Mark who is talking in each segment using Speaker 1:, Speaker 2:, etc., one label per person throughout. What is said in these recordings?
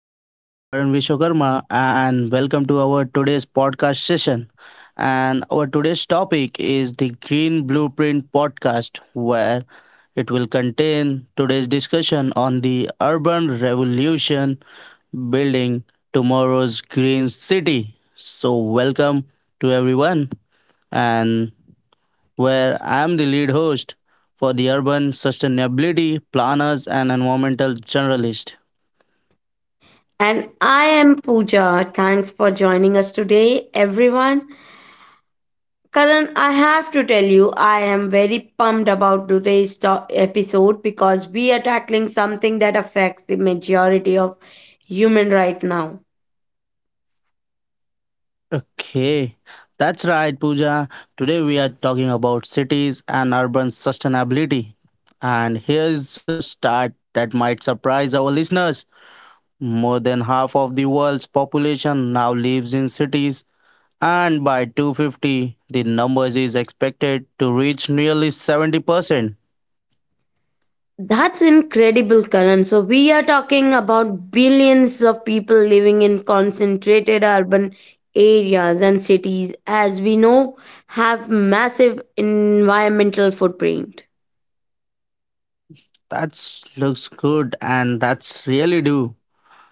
Speaker 1: My name is Karan Vishwakarma and welcome to our today's podcast session. And our today's topic is the Green Blueprint podcast, where it will contain today's discussion on the urban revolution building tomorrow's green city. So, welcome to everyone, and where I am the lead host for the urban sustainability planners and environmental journalist.
Speaker 2: And I am Pooja. Thanks for joining us today, everyone. Karan, I have to tell you, I am very pumped about today's episode because we are tackling something that affects the majority of human right now.
Speaker 1: Okay, that's right, Pooja. Today we are talking about cities and urban sustainability. And here's a stat that might surprise our listeners. More than half of the world's population now lives in cities, and by 250, the number is expected to reach nearly 70%.
Speaker 2: That's incredible, Karan. So, we are talking about billions of people living in concentrated urban areas, and cities, as we know, have massive environmental footprint.
Speaker 1: That looks good, and that's really do.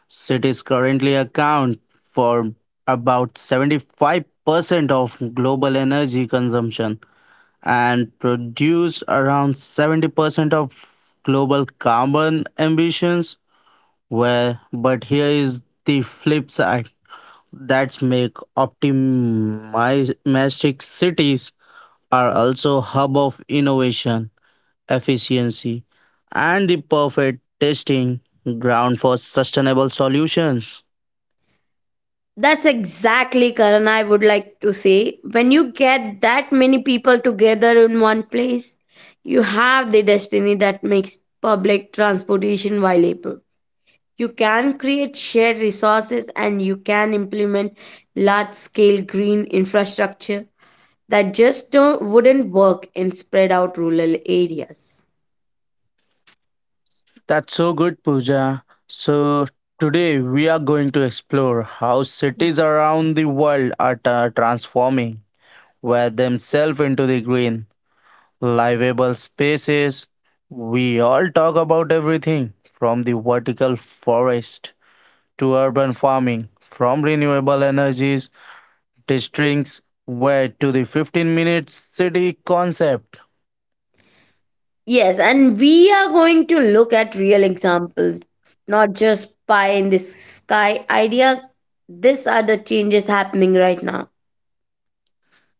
Speaker 1: Cities currently account for about 75% of global energy consumption and produce around 70% of global carbon emissions. Where, but here is the flip side that make optimistic cities are also hub of innovation, efficiency, and the perfect testing ground for sustainable solutions.
Speaker 2: That's exactly, Karan. I would like to say, when you get that many people together in one place, you have the destiny that makes public transportation viable. You can create shared resources, and you can implement large scale green infrastructure that just don't, wouldn't work in spread out rural areas.
Speaker 1: That's so good, Pooja. So, today we are going to explore how cities around the world are transforming where themselves into the green, livable spaces. We all talk about everything from the vertical forest to urban farming, from renewable energies, districts, where to the 15-minute city concept.
Speaker 2: Yes, and we are going to look at real examples, not just pie in the sky ideas. These are the changes happening right now.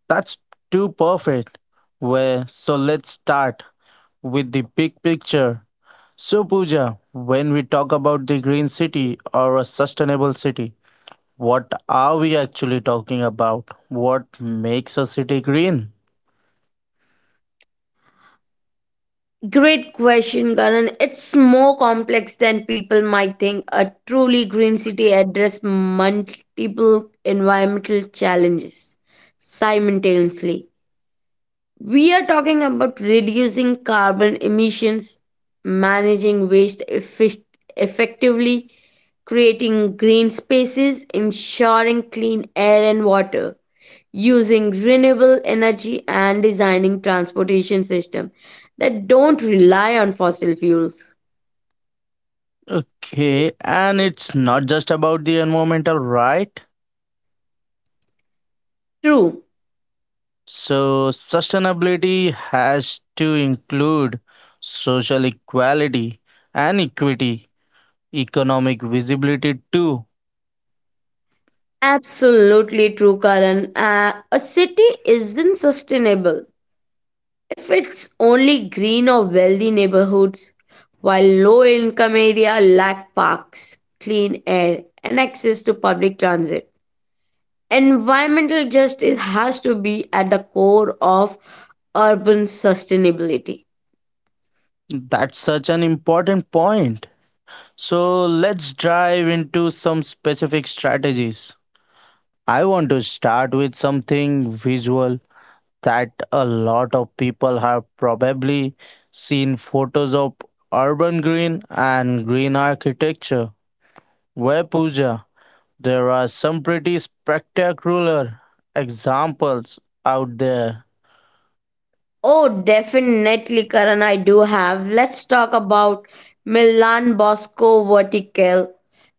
Speaker 1: That's too perfect. Where so let's start with the big picture. So, Pooja, when we talk about the green city or a sustainable city, what are we actually talking about? What makes a city green?
Speaker 2: Great question, Karan. It's more complex than people might think. A truly green city addresses multiple environmental challenges simultaneously. We are talking about reducing carbon emissions, managing waste effectively, creating green spaces, ensuring clean air and water, using renewable energy, and designing transportation systems that don't rely on fossil fuels.
Speaker 1: Okay, and it's not just about the environmental, right?
Speaker 2: True.
Speaker 1: So, sustainability has to include social equality and equity, economic visibility too.
Speaker 2: Absolutely true, Karan. A city isn't sustainable if it's only green or wealthy neighborhoods, while low income area lack parks, clean air, and access to public transit. Environmental justice has to be at the core of urban sustainability.
Speaker 1: That's such an important point. So, let's dive into some specific strategies. I want to start with something visual that a lot of people have probably seen photos of urban green and green architecture. Where Puja, there are some pretty spectacular examples out there.
Speaker 2: Oh, definitely, Karan, I do have. Let's talk about Milan Bosco Vertical,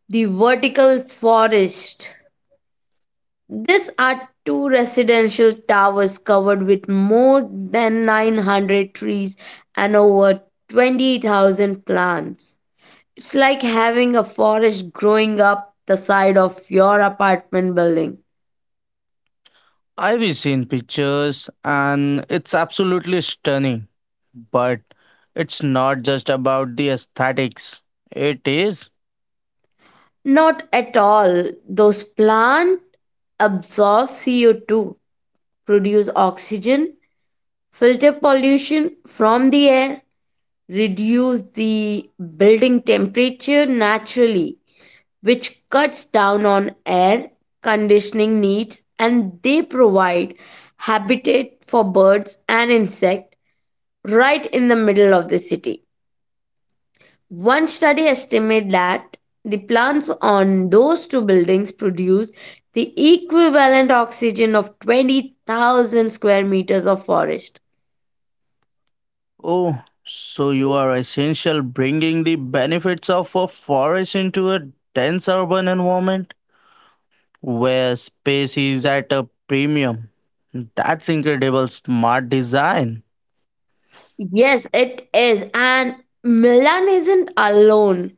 Speaker 2: the vertical forest. These are two residential towers covered with more than 900 trees and over 20,000 plants. It's like having a forest growing up the side of your apartment building.
Speaker 1: I've seen pictures and it's absolutely stunning, but it's not just about the aesthetics. It is.
Speaker 2: Not at all. Those plants absorb CO2, produce oxygen, filter pollution from the air, reduce the building temperature naturally, which cuts down on air conditioning needs, and they provide habitat for birds and insects right in the middle of the city. One study estimated that the plants on those two buildings produce the equivalent oxygen of 20,000 square meters of forest.
Speaker 1: Oh, so you are essential bringing the benefits of a forest into a dense urban environment where space is at a premium. That's incredible smart design.
Speaker 2: Yes, it is. And Milan isn't alone.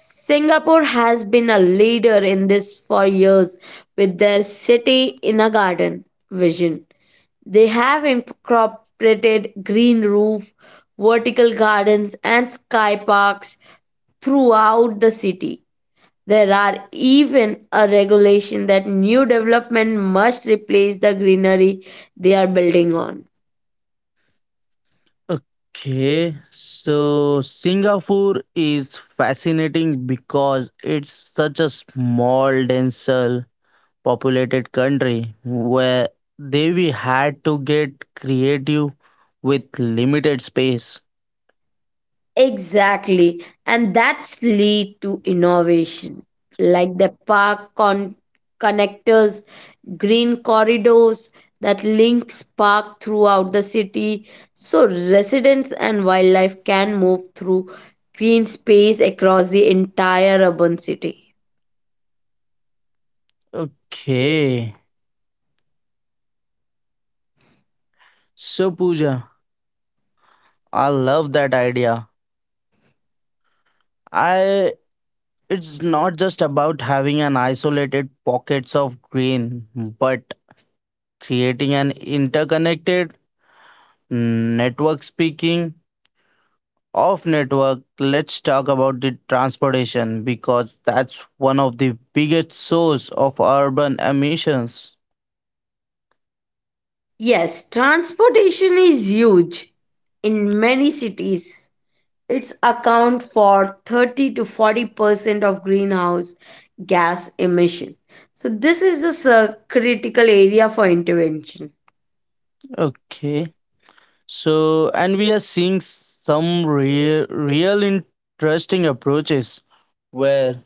Speaker 2: Singapore has been a leader in this for years with their city in a garden vision. They have incorporated green roof, vertical gardens, and sky parks throughout the city. There are even a regulation that new development must replace the greenery they are building on.
Speaker 1: Okay, so Singapore is fascinating because it's such a small, denser, populated country where they we had to get creative with limited space.
Speaker 2: Exactly. And that's lead to innovation, like the connectors, green corridors that links park throughout the city so residents and wildlife can move through green space across the entire urban city.
Speaker 1: Okay. So Pooja, I love that idea. I It's not just about having an isolated pockets of green, but creating an interconnected network speaking of network, let's talk about the transportation because that's one of the biggest source of urban emissions.
Speaker 2: Yes, transportation is huge in many cities. It's account for 30 to 40% of greenhouse gas emission. So this is a critical area for intervention.
Speaker 1: Okay. So and we are seeing some real interesting approaches where.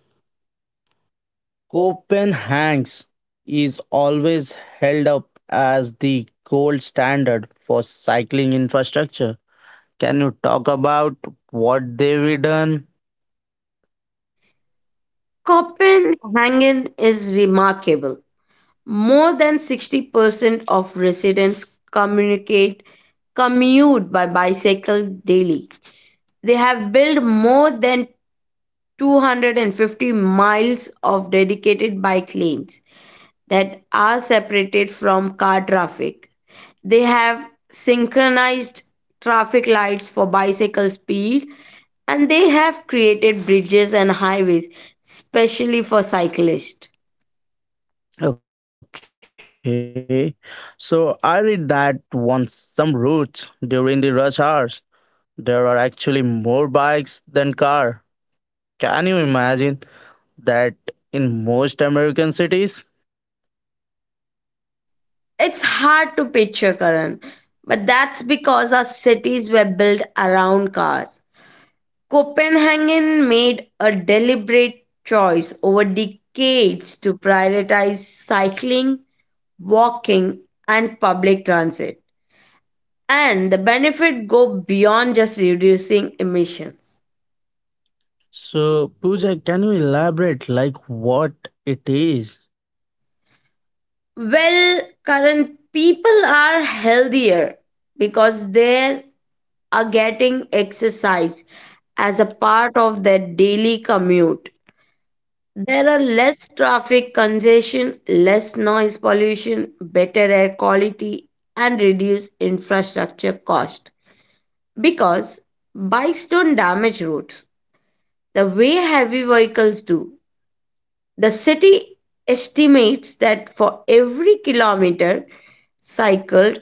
Speaker 1: Copenhagen's is always held up as the gold standard for cycling infrastructure. Can you talk about what they've done?
Speaker 2: Copenhagen is remarkable. More than 60% of residents communicate commute by bicycle daily. They have built more than 250 miles of dedicated bike lanes that are separated from car traffic. They have synchronized traffic lights for bicycle speed, and they have created bridges and highways specially for cyclists.
Speaker 1: Okay, so I read that on some routes during the rush hours, there are actually more bikes than car. Can you imagine that in most American cities?
Speaker 2: It's hard to picture, Karan, but that's because our cities were built around cars. Copenhagen made a deliberate choice over decades to prioritize cycling, walking, and public transit, and the benefit go beyond just reducing emissions.
Speaker 1: So, Pooja, can you elaborate like what it is?
Speaker 2: Well, current people are healthier because they are getting exercise as a part of their daily commute. There are less traffic congestion, less noise pollution, better air quality, and reduced infrastructure cost, because bikes don't damage roads the way heavy vehicles do. The city estimates that for every kilometer cycled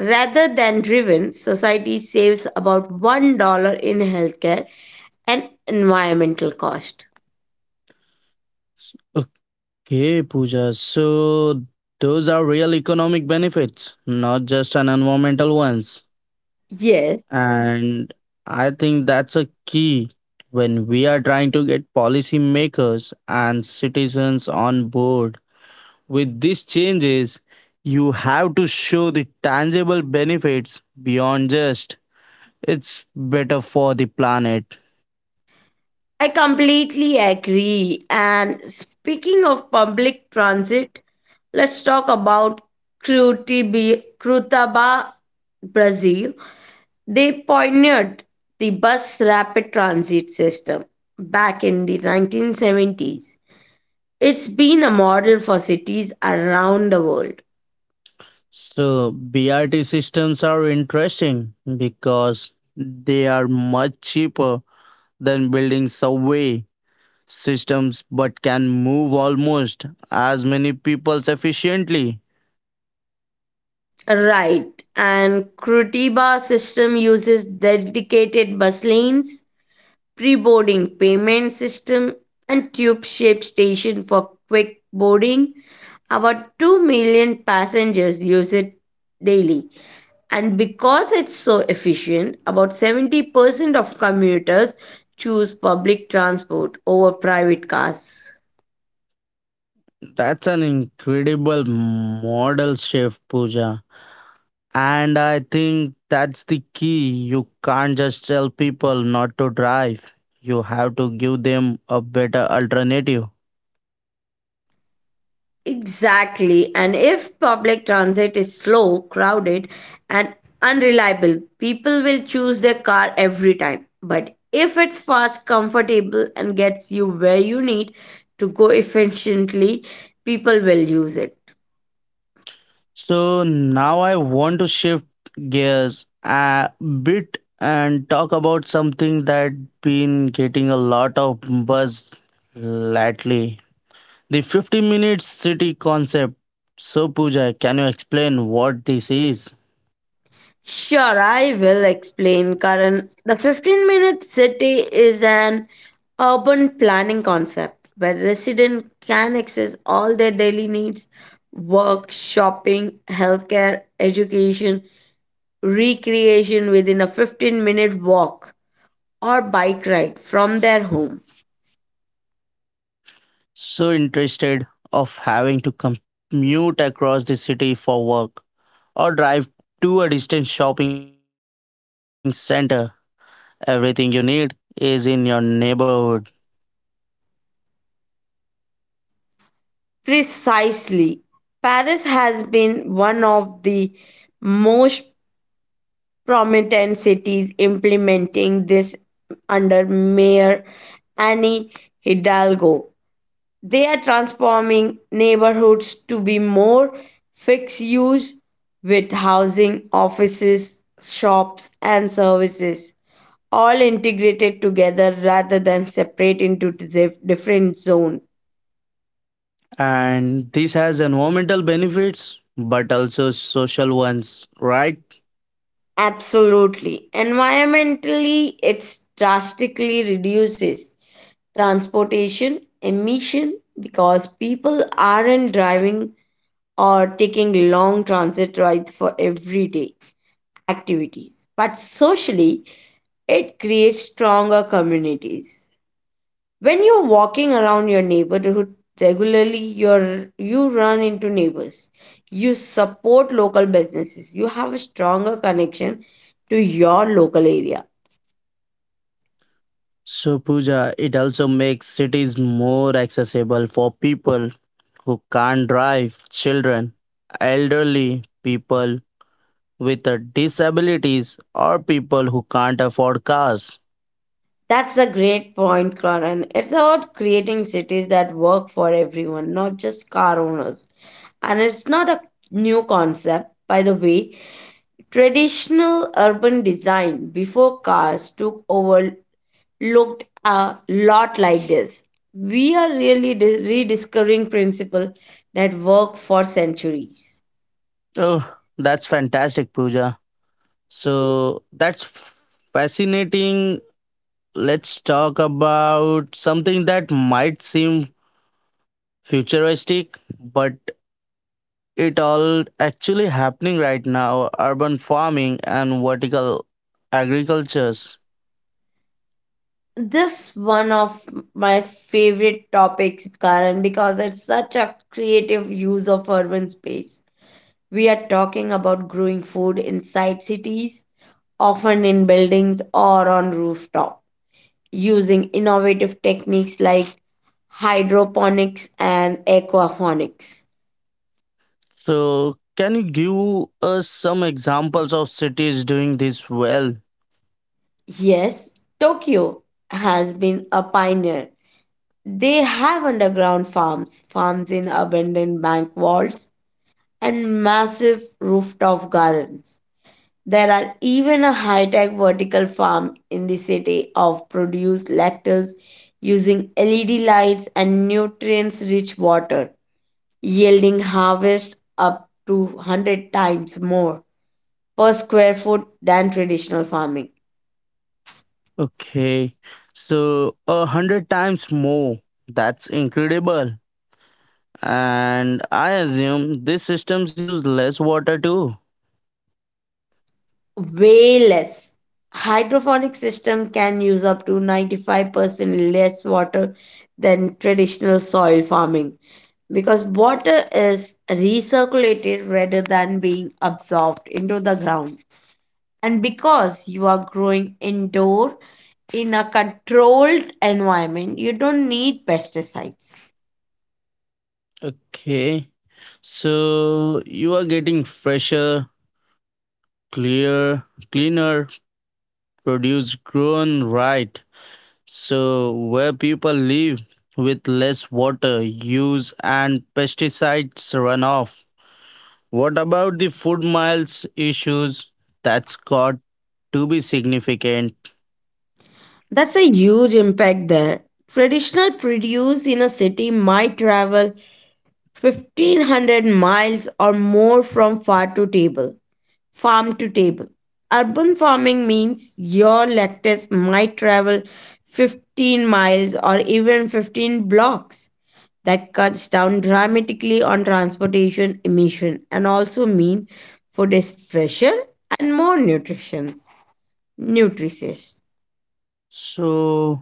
Speaker 2: rather than driven, society saves about $1 in healthcare and environmental cost.
Speaker 1: Okay, Pooja. So those are real economic benefits, not just an environmental ones.
Speaker 2: Yes,
Speaker 1: And I think that's a key when we are trying to get policymakers and citizens on board with these changes. You have to show the tangible benefits beyond just it's better for the planet.
Speaker 2: I completely agree. And speaking of public transit, let's talk about Curitiba, Brazil. They pioneered the bus rapid transit system back in the 1970s. It's been a model for cities around the world.
Speaker 1: So BRT systems are interesting because they are much cheaper than building subway systems but can move almost as many people efficiently.
Speaker 2: Right, and Curitiba system uses dedicated bus lanes, pre-boarding payment system, and tube-shaped station for quick boarding. About 2 million passengers use it daily. And because it's so efficient, about 70% of commuters choose public transport over private cars.
Speaker 1: That's an incredible model shift, Pooja. And I think that's the key. You can't just tell people not to drive, you have to give them a better alternative.
Speaker 2: Exactly. And if public transit is slow, crowded, and unreliable, people will choose their car every time. But if it's fast, comfortable, and gets you where you need to go efficiently, people will use it.
Speaker 1: So now I want to shift gears a bit and talk about something that been getting a lot of buzz lately. The 50-minute city concept. So Pooja, can you explain what this is?
Speaker 2: Sure, I will explain, Karan. The 15-minute city is an urban planning concept where residents can access all their daily needs, work, shopping, healthcare, education, recreation within a 15-minute walk or bike ride from their home.
Speaker 1: So interested of having to commute across the city for work or drive to a distant shopping center. Everything you need is in your neighborhood.
Speaker 2: Precisely. Paris has been one of the most prominent cities implementing this under Mayor Annie Hidalgo. They are transforming neighborhoods to be more fixed use, with housing, offices, shops, and services all integrated together rather than separate into different zones.
Speaker 1: And this has environmental benefits, but also social ones, right?
Speaker 2: Absolutely. Environmentally, it drastically reduces transportation emission because people aren't driving or taking long transit rides for everyday activities. But socially, it creates stronger communities. When you're walking around your neighborhood regularly, you run into neighbors. You support local businesses. You have a stronger connection to your local area.
Speaker 1: So, Pooja, it also makes cities more accessible for people who can't drive, children, elderly people with disabilities, or people who can't afford cars.
Speaker 2: That's a great point, Karan. It's about creating cities that work for everyone, not just car owners. And it's not a new concept, by the way. Traditional urban design before cars took over looked a lot like this. We are really rediscovering principles that work for centuries.
Speaker 1: Oh, that's fantastic, Pooja. So, that's fascinating. Let's talk about something that might seem futuristic, but it all actually happening right now urban farming and vertical agricultures.
Speaker 2: This one of my favorite topics, Karan, because it's such a creative use of urban space. We are talking about growing food inside cities, often in buildings or on rooftop, using innovative techniques like hydroponics and aquaponics.
Speaker 1: So can you give us some examples of cities doing this well?
Speaker 2: Yes, Tokyo has been a pioneer. They have underground farms, farms in abandoned bank vaults, and massive rooftop gardens. There are even a high tech vertical farm in the city of produce lactose using LED lights and nutrients rich water, yielding harvest up to 100 times more per square foot than traditional farming.
Speaker 1: Okay, so 100 times more, that's incredible. And I assume these systems use less water too.
Speaker 2: Way less. Hydroponic system can use up to 95% less water than traditional soil farming because water is recirculated rather than being absorbed into the ground. And because you are growing indoor in a controlled environment, you don't need pesticides.
Speaker 1: Okay, so you are getting fresher, clear, cleaner produce grown right. So, where people live with less water use and pesticides runoff. What about the food miles issues? That's got to be significant.
Speaker 2: That's a huge impact there. Traditional produce in a city might travel 1,500 miles or more from farm to table. Urban farming means your lettuce might travel 15 miles or even 15 blocks. That cuts down dramatically on transportation emission and also mean food is fresher and more nutritious.
Speaker 1: So,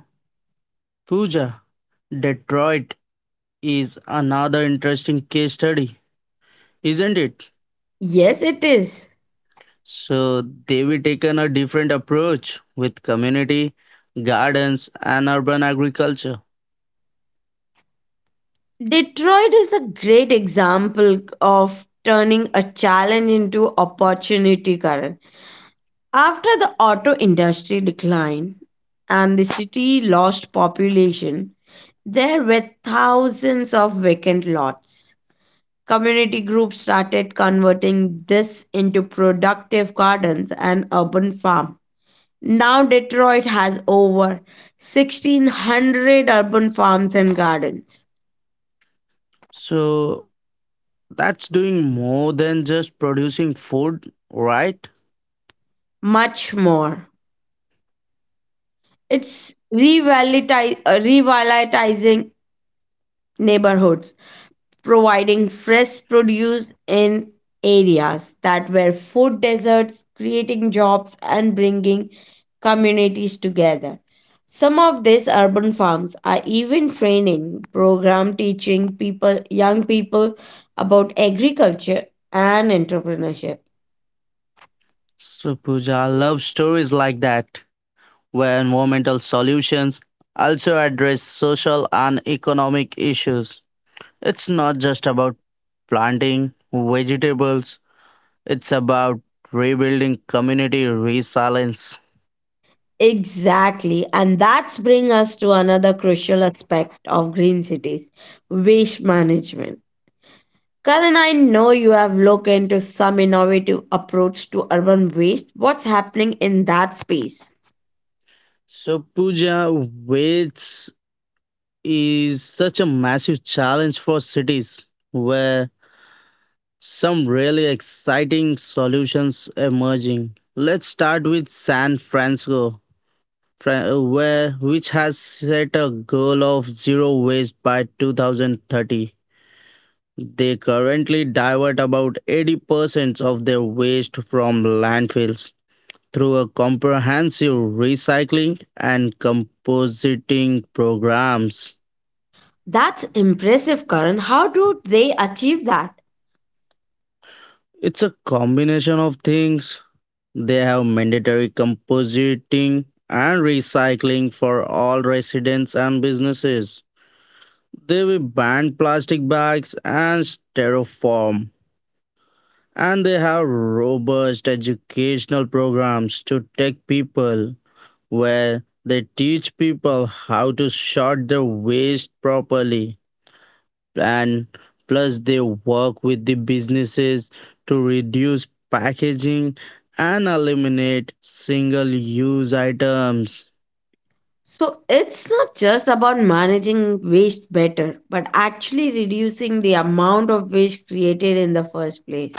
Speaker 1: Pooja, Detroit is another interesting case study, isn't it?
Speaker 2: Yes, it is.
Speaker 1: So, they've taken a different approach with community gardens and urban agriculture.
Speaker 2: Detroit is a great example of turning a challenge into opportunity, Karan. After the auto industry declined and the city lost population, there were thousands of vacant lots. Community groups started converting this into productive gardens and urban farm. Now Detroit has over 1,600 urban farms and gardens.
Speaker 1: So, that's doing more than just producing food, right?
Speaker 2: Much more. It's revitalizing neighborhoods, providing fresh produce in areas that were food deserts, creating jobs, and bringing communities together. Some of these urban farms are even training program teaching people young people about agriculture and entrepreneurship.
Speaker 1: So Pooja, I love stories like that, where environmental solutions also address social and economic issues. It's not just about planting vegetables, it's about rebuilding community resilience.
Speaker 2: Exactly, and that's bring us to another crucial aspect of green cities, waste management. Karan, I know you have looked into some innovative approach to urban waste. What's happening in that space?
Speaker 1: So Pooja, waste is such a massive challenge for cities where some really exciting solutions emerging. Let's start with San Francisco, where which has set a goal of zero waste by 2030. They currently divert about 80% of their waste from landfills through a comprehensive recycling and compositing programs.
Speaker 2: That's impressive, Karan. How do they achieve that?
Speaker 1: It's a combination of things. They have mandatory compositing and recycling for all residents and businesses. They will ban plastic bags and styrofoam. And they have robust educational programs to take people where they teach people how to sort their waste properly and plus they work with the businesses to reduce packaging and eliminate single use items.
Speaker 2: So it's not just about managing waste better, but actually reducing the amount of waste created in the first place.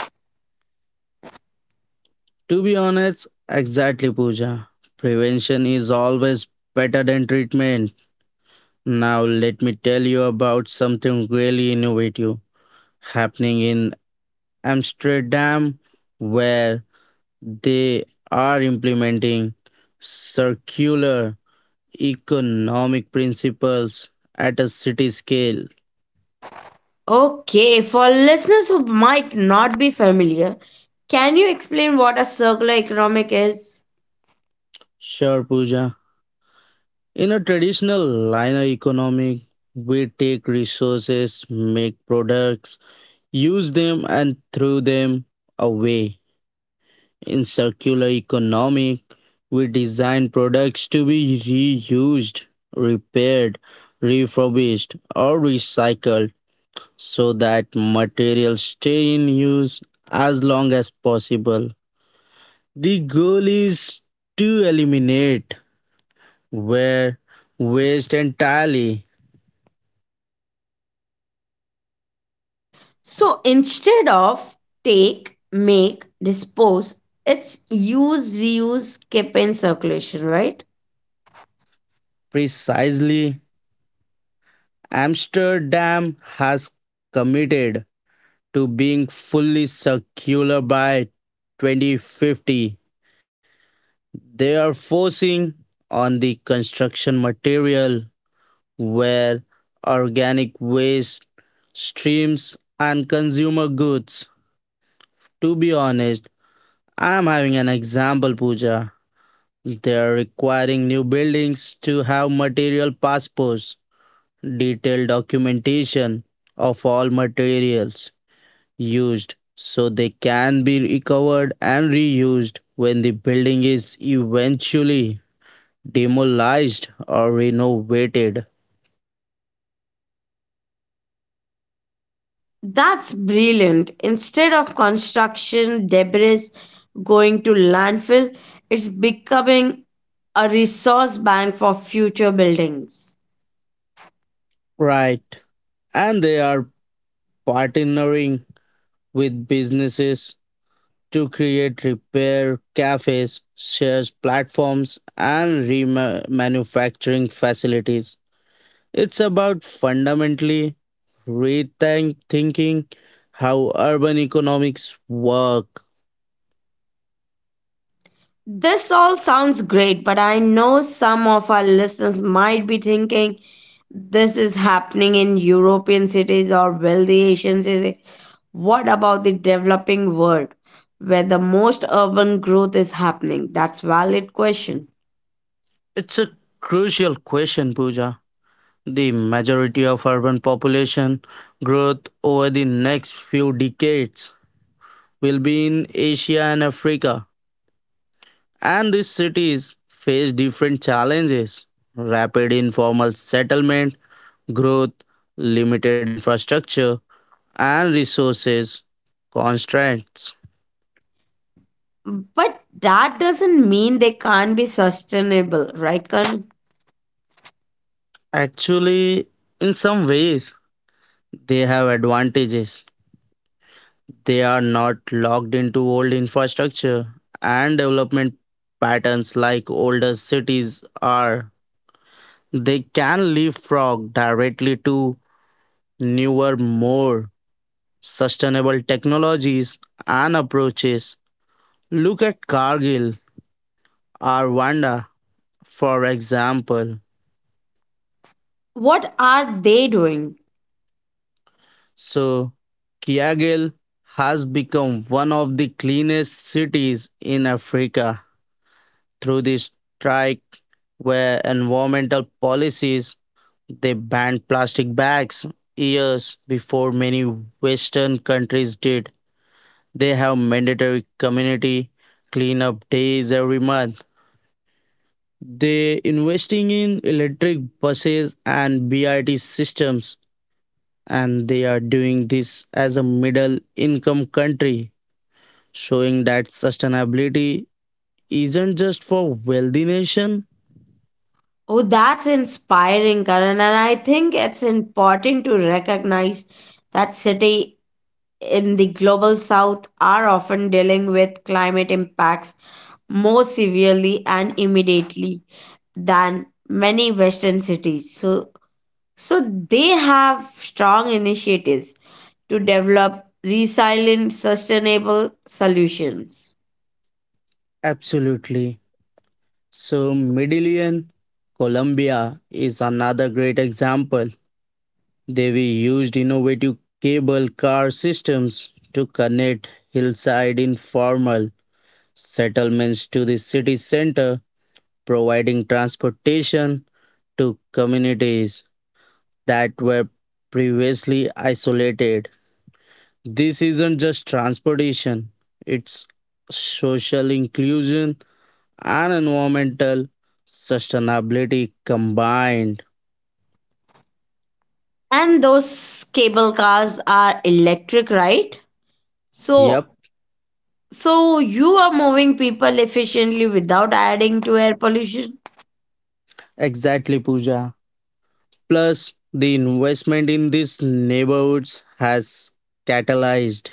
Speaker 1: To be honest, exactly Pooja. Prevention is always better than treatment. Now let me tell you about something really innovative happening in Amsterdam where they are implementing circular economic principles at a city scale.
Speaker 2: Okay, for listeners who might not be familiar, can you explain what a circular economic is?
Speaker 1: Sure, Pooja. In a traditional linear economy, we take resources, make products, use them, and throw them away. In circular economic, we design products to be reused, repaired, refurbished, or recycled so that materials stay in use as long as possible. The goal is to eliminate where waste entirely.
Speaker 2: So instead of take, make, dispose, it's use, reuse, keep in circulation, right?
Speaker 1: Precisely, Amsterdam has committed to being fully circular by 2050. They are forcing on the construction material where organic waste streams and consumer goods. To be honest, I am having an example, puja. They are requiring new buildings to have material passports, detailed documentation of all materials used so they can be recovered and reused when the building is eventually demolished or renovated.
Speaker 2: That's brilliant. Instead of construction debris going to landfill, it's becoming a resource bank for future buildings.
Speaker 1: Right. And they are partnering with businesses to create repair cafes, shares platforms, and remanufacturing facilities. It's about fundamentally rethinking thinking how urban economics work.
Speaker 2: This all sounds great, but I know some of our listeners might be thinking this is happening in European cities or wealthy Asian cities. What about the developing world where the most urban growth is happening? That's valid question.
Speaker 1: It's a crucial question, Pooja. The majority of urban population growth over the next few decades will be in Asia and Africa, and these cities face different challenges rapid informal settlement, growth, limited infrastructure, and resources constraints.
Speaker 2: But that doesn't mean they can't be sustainable, right, Karan?
Speaker 1: Actually, in some ways, they have advantages. They are not locked into old infrastructure and development patterns like older cities are. They can leapfrog directly to newer, more sustainable technologies and approaches. Look at Cargill or Wanda, for example.
Speaker 2: What are they doing?
Speaker 1: So, Kiagel has become one of the cleanest cities in Africa through the strike where environmental policies they banned plastic bags years before many western countries did. They have mandatory community cleanup days every month. They investing in electric buses and BRT systems and they are doing this as a middle income country showing that sustainability isn't just for wealthy nation.
Speaker 2: Oh, that's inspiring, Karan. And I think it's important to recognize that city in the global south are often dealing with climate impacts more severely and immediately than many western cities, so they have strong initiatives to develop resilient sustainable solutions.
Speaker 1: Absolutely. So Medellin, Colombia is another great example. They we used innovative cable car systems to connect hillside informal settlements to the city center, providing transportation to communities that were previously isolated. This isn't just transportation, it's social inclusion and environmental sustainability combined.
Speaker 2: And those cable cars are electric, right? So
Speaker 1: Yep,
Speaker 2: so you are moving people efficiently without adding to air pollution.
Speaker 1: exactly, Pooja. Plus, the investment in these neighborhoods has catalyzed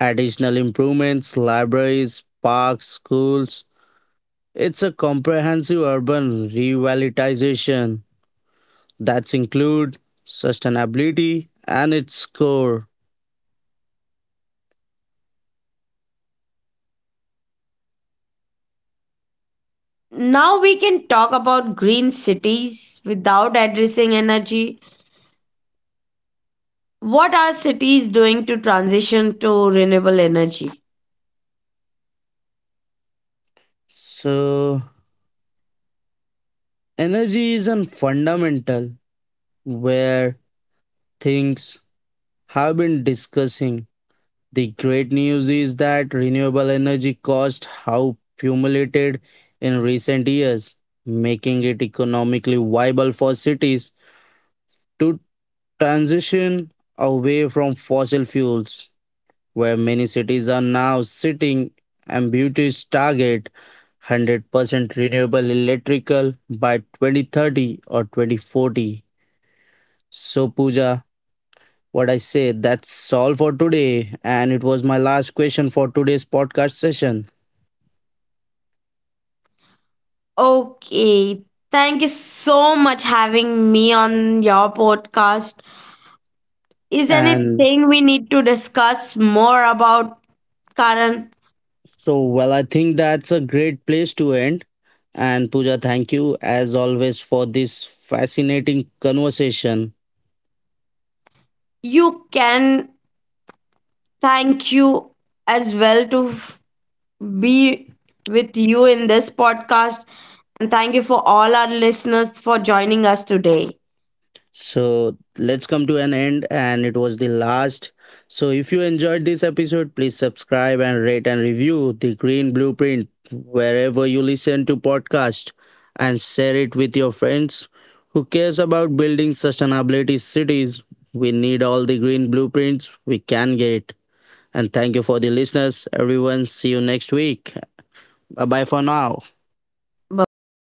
Speaker 1: additional improvements, libraries, parks, schools. It's a comprehensive urban revitalization that includes sustainability and its core.
Speaker 2: Now we can talk about green cities without addressing energy. What are cities doing to transition to renewable energy?
Speaker 1: So, energy is a fundamental where things have been discussing. The great news is that renewable energy cost have accumulated in recent years, making it economically viable for cities to transition away from fossil fuels, where many cities are now setting ambitious target 100% renewable electrical by 2030 or 2040. So, Pooja, what I say, that's all for today. And it was my last question for today's podcast session.
Speaker 2: Okay, thank you so much having me on your podcast. Is
Speaker 1: And
Speaker 2: anything we need to discuss more about, Karan?
Speaker 1: so, well, I think that's a great place to end. And Pooja, thank you as always for this fascinating conversation.
Speaker 2: You can thank you as well to be with you in this podcast, and thank you for all our listeners for joining us today.
Speaker 1: So let's come to an end, and it was the last. So if you enjoyed this episode, please subscribe and rate and review the Green Blueprint wherever you listen to podcast and share it with your friends who cares about building sustainability cities. We need all the green blueprints we can get. And thank you for the listeners, everyone. See you next week. Bye bye for now.
Speaker 2: Bye bye.